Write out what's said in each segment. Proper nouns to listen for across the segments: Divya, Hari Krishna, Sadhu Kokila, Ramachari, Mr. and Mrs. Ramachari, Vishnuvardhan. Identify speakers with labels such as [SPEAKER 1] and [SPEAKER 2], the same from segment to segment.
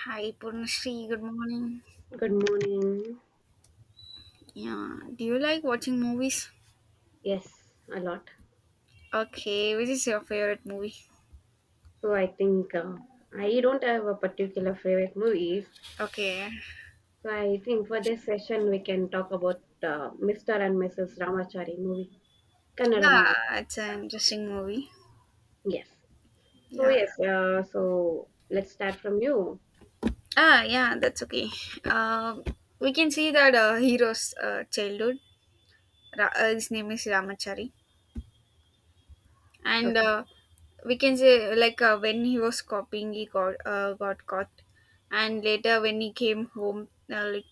[SPEAKER 1] Hi Purnashree, good morning.
[SPEAKER 2] Good morning.
[SPEAKER 1] Yeah, do you like watching movies?
[SPEAKER 2] Yes, a lot.
[SPEAKER 1] Okay, which is your favorite movie?
[SPEAKER 2] So I think I don't have a particular favorite movies.
[SPEAKER 1] Okay,
[SPEAKER 2] So I think for this session we can talk about Mr. and Mrs. Ramachari movie, Kannada
[SPEAKER 1] yeah,
[SPEAKER 2] movie.
[SPEAKER 1] it's an interesting movie.
[SPEAKER 2] Yes. So
[SPEAKER 1] Yeah,
[SPEAKER 2] yes. So let's start from you.
[SPEAKER 1] yeah, that's okay. Um, we can see that hero's childhood. His name is Ramachari, and
[SPEAKER 2] Okay.
[SPEAKER 1] we can say like when he was copying, he got caught, and later when he came home, like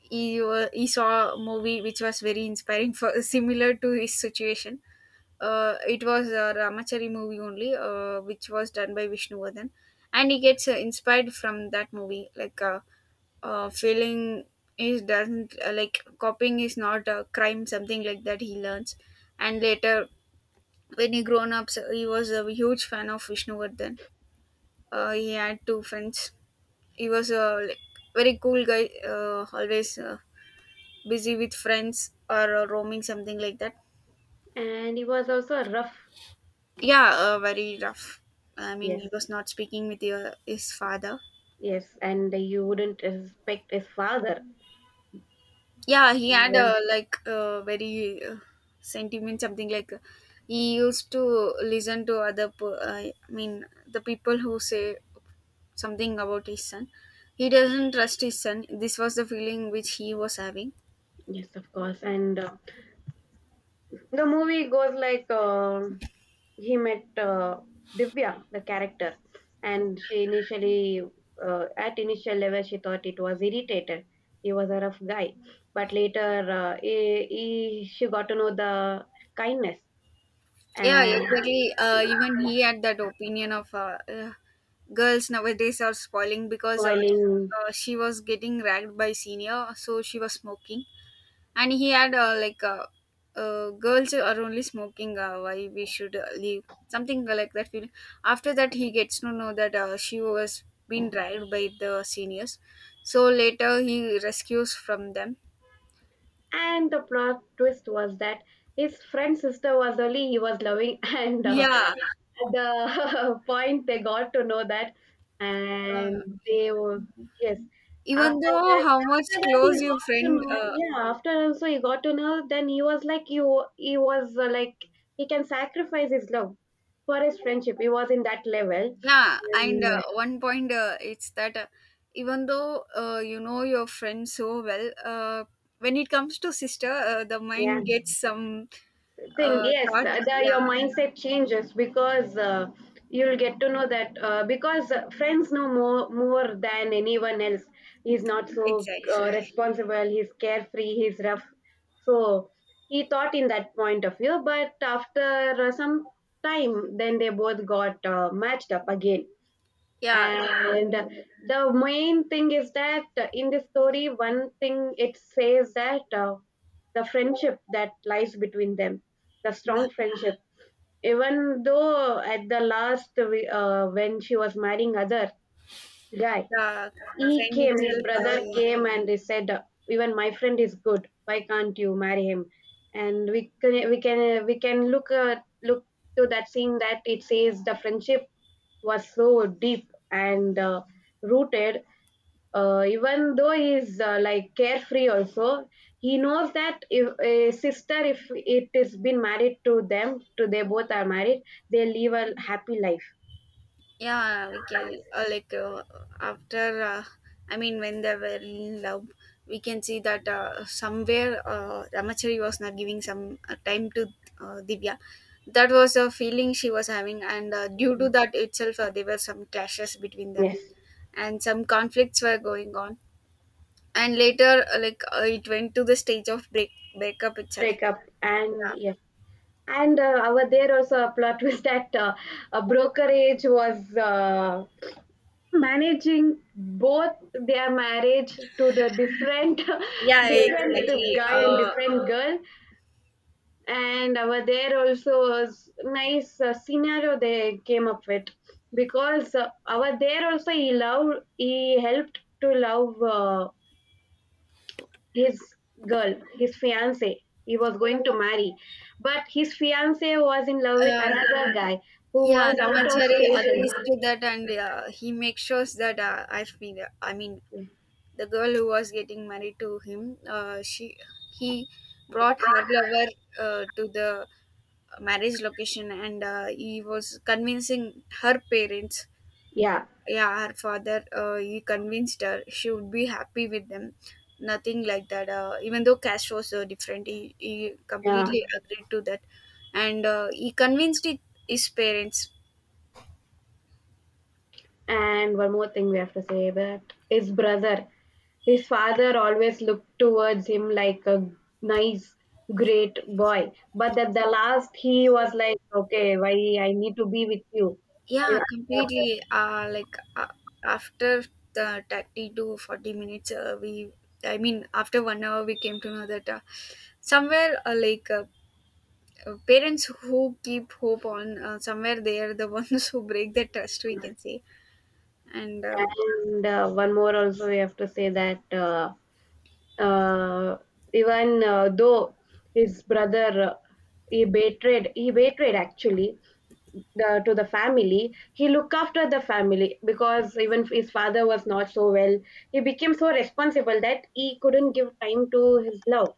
[SPEAKER 1] he saw a movie which was very inspiring for similar to his situation. It was a Ramachari movie only, which was done by Vishnuvardhan, and he gets inspired from that movie. Like feeling is doesn't like copying is not a crime, something like that. He learns, and later when he grown up, so he was a huge fan of Vishnuvardhan. He had two friends. He was a like, very cool guy. Always. Busy with friends or roaming something like that.
[SPEAKER 2] And he was also a rough.
[SPEAKER 1] Yeah, very rough. I mean
[SPEAKER 2] Yes.
[SPEAKER 1] he was not speaking with his father.
[SPEAKER 2] Yes. And you wouldn't respect his father.
[SPEAKER 1] Yeah, he had
[SPEAKER 2] Well,
[SPEAKER 1] like very sentiment something like he used to listen to I mean the people who say something about his son. He doesn't trust his son. This was the feeling which he was having.
[SPEAKER 2] yes, of course. And the movie goes like. He met Divya, the character, and she at initial level, she thought it was irritated. He was a rough guy, but later, she got to know the kindness
[SPEAKER 1] Yeah,
[SPEAKER 2] and
[SPEAKER 1] exactly. Even he had that opinion of girls nowadays are spoiling because
[SPEAKER 2] spoiling.
[SPEAKER 1] she was getting ragged by senior, so she was smoking, and he had like girls are only smoking. Why we should leave something like that feeling. After that, he gets to know that she was being dragged by the seniors. So later, he rescues from them.
[SPEAKER 2] And the plot twist was that his friend's sister was only he was loving, and
[SPEAKER 1] Yeah.
[SPEAKER 2] at the point they got to know that,
[SPEAKER 1] Uh,
[SPEAKER 2] and they were, yes.
[SPEAKER 1] Even
[SPEAKER 2] After
[SPEAKER 1] though
[SPEAKER 2] that,
[SPEAKER 1] how much
[SPEAKER 2] after that he
[SPEAKER 1] close your
[SPEAKER 2] got to
[SPEAKER 1] friend,
[SPEAKER 2] know. Yeah, after also he got to know. Then he was like you. He was like he can sacrifice his love for his friendship. He was in that level.
[SPEAKER 1] yeah, and
[SPEAKER 2] And,
[SPEAKER 1] one point it's that even though you know your friend so well, when it comes to sister, the
[SPEAKER 2] yeah.
[SPEAKER 1] mind gets some
[SPEAKER 2] Thing, yes,
[SPEAKER 1] thought.
[SPEAKER 2] the, your
[SPEAKER 1] Yeah,
[SPEAKER 2] mindset changes because you'll get to know that because friends know more than anyone else. He's not so
[SPEAKER 1] exactly.
[SPEAKER 2] responsible, he's carefree, he's rough, so he thought in that point of view. But after some time, then they both got matched up again.
[SPEAKER 1] Yeah, uh,
[SPEAKER 2] And the main thing is that in the story one thing it says that the friendship that lies between them, the
[SPEAKER 1] yeah.
[SPEAKER 2] strong friendship, even though at the last when she was marrying other guy,
[SPEAKER 1] The
[SPEAKER 2] he
[SPEAKER 1] friend
[SPEAKER 2] came, his
[SPEAKER 1] itself.
[SPEAKER 2] brother came and he said, even my friend is good. Why can't you marry him? And we can we can we can look look to that scene that it says the friendship was so deep and rooted. Even though he's like carefree also, he knows that if a sister, if it is been married to them, to they both are married, they live a happy life.
[SPEAKER 1] Yeah, we can like after I mean when they were in love, we can see that somewhere Ramachari was not giving some time to Divya. That was a feeling she was having, and due to that itself there were some clashes between them,
[SPEAKER 2] Yes,
[SPEAKER 1] and some conflicts were going on. And later like it went to the stage of breakup itself.
[SPEAKER 2] break up and
[SPEAKER 1] Yeah.
[SPEAKER 2] yes. And our there also a plot twist that a brokerage was managing both their marriage to the different
[SPEAKER 1] Yeah,
[SPEAKER 2] different
[SPEAKER 1] exactly.
[SPEAKER 2] guy and
[SPEAKER 1] uh,
[SPEAKER 2] different girl. And our there also was nice scenario they came up with, because our there also he loved, he helped to love his girl, his fiance. He was going to marry, but his fiance was in love with
[SPEAKER 1] uh
[SPEAKER 2] another guy who
[SPEAKER 1] Yeah,
[SPEAKER 2] was out of
[SPEAKER 1] Ramachari at
[SPEAKER 2] station.
[SPEAKER 1] least that, and he makes sure that I mean, the girl who was getting married to him, she he brought her lover to the marriage location, and he was convincing her parents.
[SPEAKER 2] Yeah,
[SPEAKER 1] Yeah, her father. He convinced her she would be happy with them. Nothing like that. Even though cash was so different, he
[SPEAKER 2] yeah.
[SPEAKER 1] completely agreed to that, and he convinced it, his parents.
[SPEAKER 2] And one more thing we have to say that his brother, his father always looked towards him like a nice, great boy. But at the last, he was like, okay, why I need to be with you.
[SPEAKER 1] Yeah, completely. Like after the 30 to 40 minutes, I mean, after one hour, we came to know that somewhere, like parents who keep hope on, somewhere they are the ones who break the trust, we can say. And
[SPEAKER 2] And one more also we have to say that uh, even though his brother he betrayed actually the, to the family, he looked after the family because even his father was not so well. He became so responsible that he couldn't give time to his love,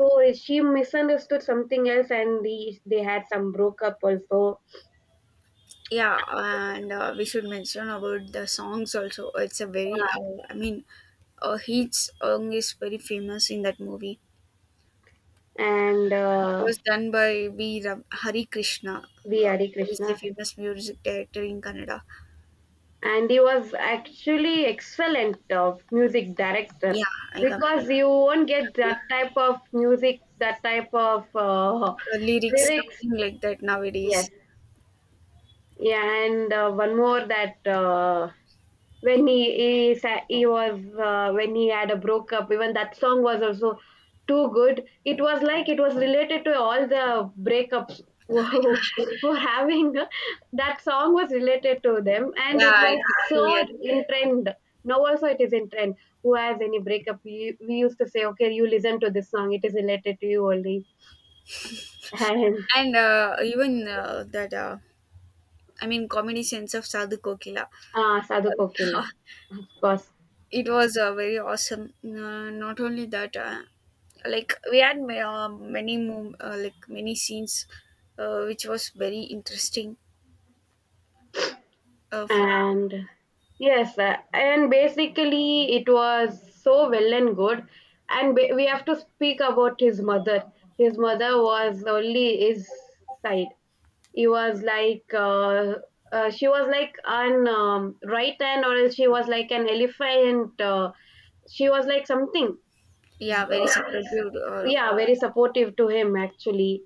[SPEAKER 2] so she misunderstood something else and he, they had some broke up also.
[SPEAKER 1] yeah, and we should mention about the songs also. It's a very, I mean, his song is very famous in that movie.
[SPEAKER 2] And
[SPEAKER 1] It was done by V. Hari Krishna,
[SPEAKER 2] V Hare
[SPEAKER 1] who is a
[SPEAKER 2] Krishna,
[SPEAKER 1] famous music director in Canada.
[SPEAKER 2] and he was actually excellent music
[SPEAKER 1] Yeah,
[SPEAKER 2] director,
[SPEAKER 1] I
[SPEAKER 2] because
[SPEAKER 1] completely
[SPEAKER 2] you won't get
[SPEAKER 1] agree.
[SPEAKER 2] that type of music, that type of
[SPEAKER 1] Lyrics,
[SPEAKER 2] lyrics.
[SPEAKER 1] something like that nowadays.
[SPEAKER 2] Yes. Yeah, and one more that when he, sa- he was when he had a breakup, even that song was also too good. It was like it was related to all the breakups who having, that song was related to them and
[SPEAKER 1] Yeah,
[SPEAKER 2] it
[SPEAKER 1] I
[SPEAKER 2] was so
[SPEAKER 1] totally agree.
[SPEAKER 2] in trend. Now also it is in trend. Who has any breakup, you, we used to say, okay, you listen to this song, it is related to you only. And
[SPEAKER 1] And even that, I mean, comedy sense of Sadhu Kokila.
[SPEAKER 2] Sadhu Kokila,
[SPEAKER 1] Uh,
[SPEAKER 2] of course.
[SPEAKER 1] it was very awesome. Not only that, like we had many like many scenes, which was very interesting. For,
[SPEAKER 2] And yes, and basically it was so well and good. And we have to speak about his mother. His mother was only his side. He was like she was like an right hand, or else she was like an elephant, she was like something.
[SPEAKER 1] yeah, very supportive,
[SPEAKER 2] Yeah, very supportive to him actually.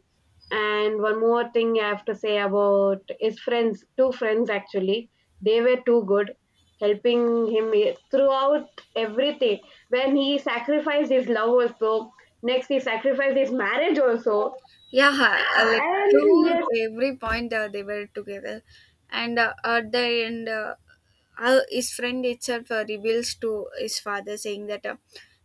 [SPEAKER 2] And one more thing I have to say about his friends, two friends actually, they were too good, helping him throughout everything. When he sacrificed his love also, next he sacrificed his marriage also.
[SPEAKER 1] yeah, like
[SPEAKER 2] And
[SPEAKER 1] through
[SPEAKER 2] yes,
[SPEAKER 1] every point they were together. And at the end his friend itself reveals to his father saying that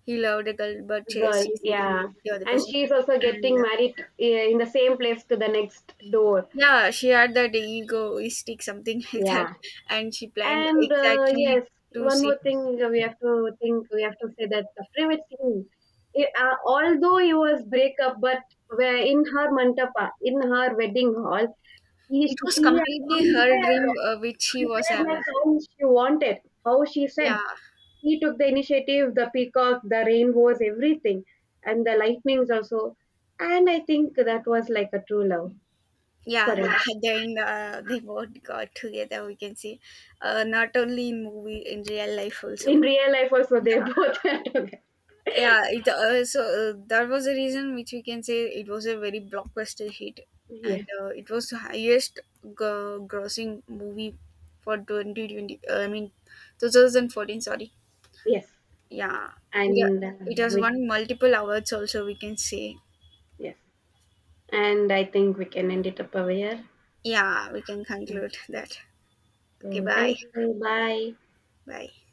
[SPEAKER 1] he loved a girl but she,
[SPEAKER 2] girl,
[SPEAKER 1] she is getting married
[SPEAKER 2] yeah.
[SPEAKER 1] to the other
[SPEAKER 2] And
[SPEAKER 1] person.
[SPEAKER 2] she's also
[SPEAKER 1] And
[SPEAKER 2] getting married, eh, in the same place to the next door.
[SPEAKER 1] yeah, she had that egoistic something like that,
[SPEAKER 2] Yeah.
[SPEAKER 1] and she planned
[SPEAKER 2] And
[SPEAKER 1] exactly
[SPEAKER 2] yes,
[SPEAKER 1] to
[SPEAKER 2] one more
[SPEAKER 1] see.
[SPEAKER 2] thing we have to say that the favorite scene, it, although it was breakup, but where in her mantapa, in her wedding hall, he
[SPEAKER 1] It was
[SPEAKER 2] he
[SPEAKER 1] completely
[SPEAKER 2] actually
[SPEAKER 1] her dream which she was
[SPEAKER 2] prepared like
[SPEAKER 1] having.
[SPEAKER 2] how she wanted, how she said.
[SPEAKER 1] Yeah,
[SPEAKER 2] He took the initiative, the peacock, the rainbows, everything, and the lightnings also. And I think that was like a true love for
[SPEAKER 1] yeah,
[SPEAKER 2] him.
[SPEAKER 1] then they both got together, we can see, not only in movie, in real life
[SPEAKER 2] In
[SPEAKER 1] also.
[SPEAKER 2] real life, also they
[SPEAKER 1] Yeah,
[SPEAKER 2] both had to.
[SPEAKER 1] yeah, it so that was the reason which we can say it was a very blockbuster hit. And
[SPEAKER 2] Yes,
[SPEAKER 1] it was the highest grossing movie for 2020 I mean 2014, sorry.
[SPEAKER 2] yes.
[SPEAKER 1] Yeah, it, uh,
[SPEAKER 2] And
[SPEAKER 1] it has
[SPEAKER 2] we
[SPEAKER 1] won multiple awards also, we can say.
[SPEAKER 2] yes I think we can end it up over here.
[SPEAKER 1] Yeah, we can conclude that.
[SPEAKER 2] So
[SPEAKER 1] Okay, bye.
[SPEAKER 2] thank you, bye.
[SPEAKER 1] Bye.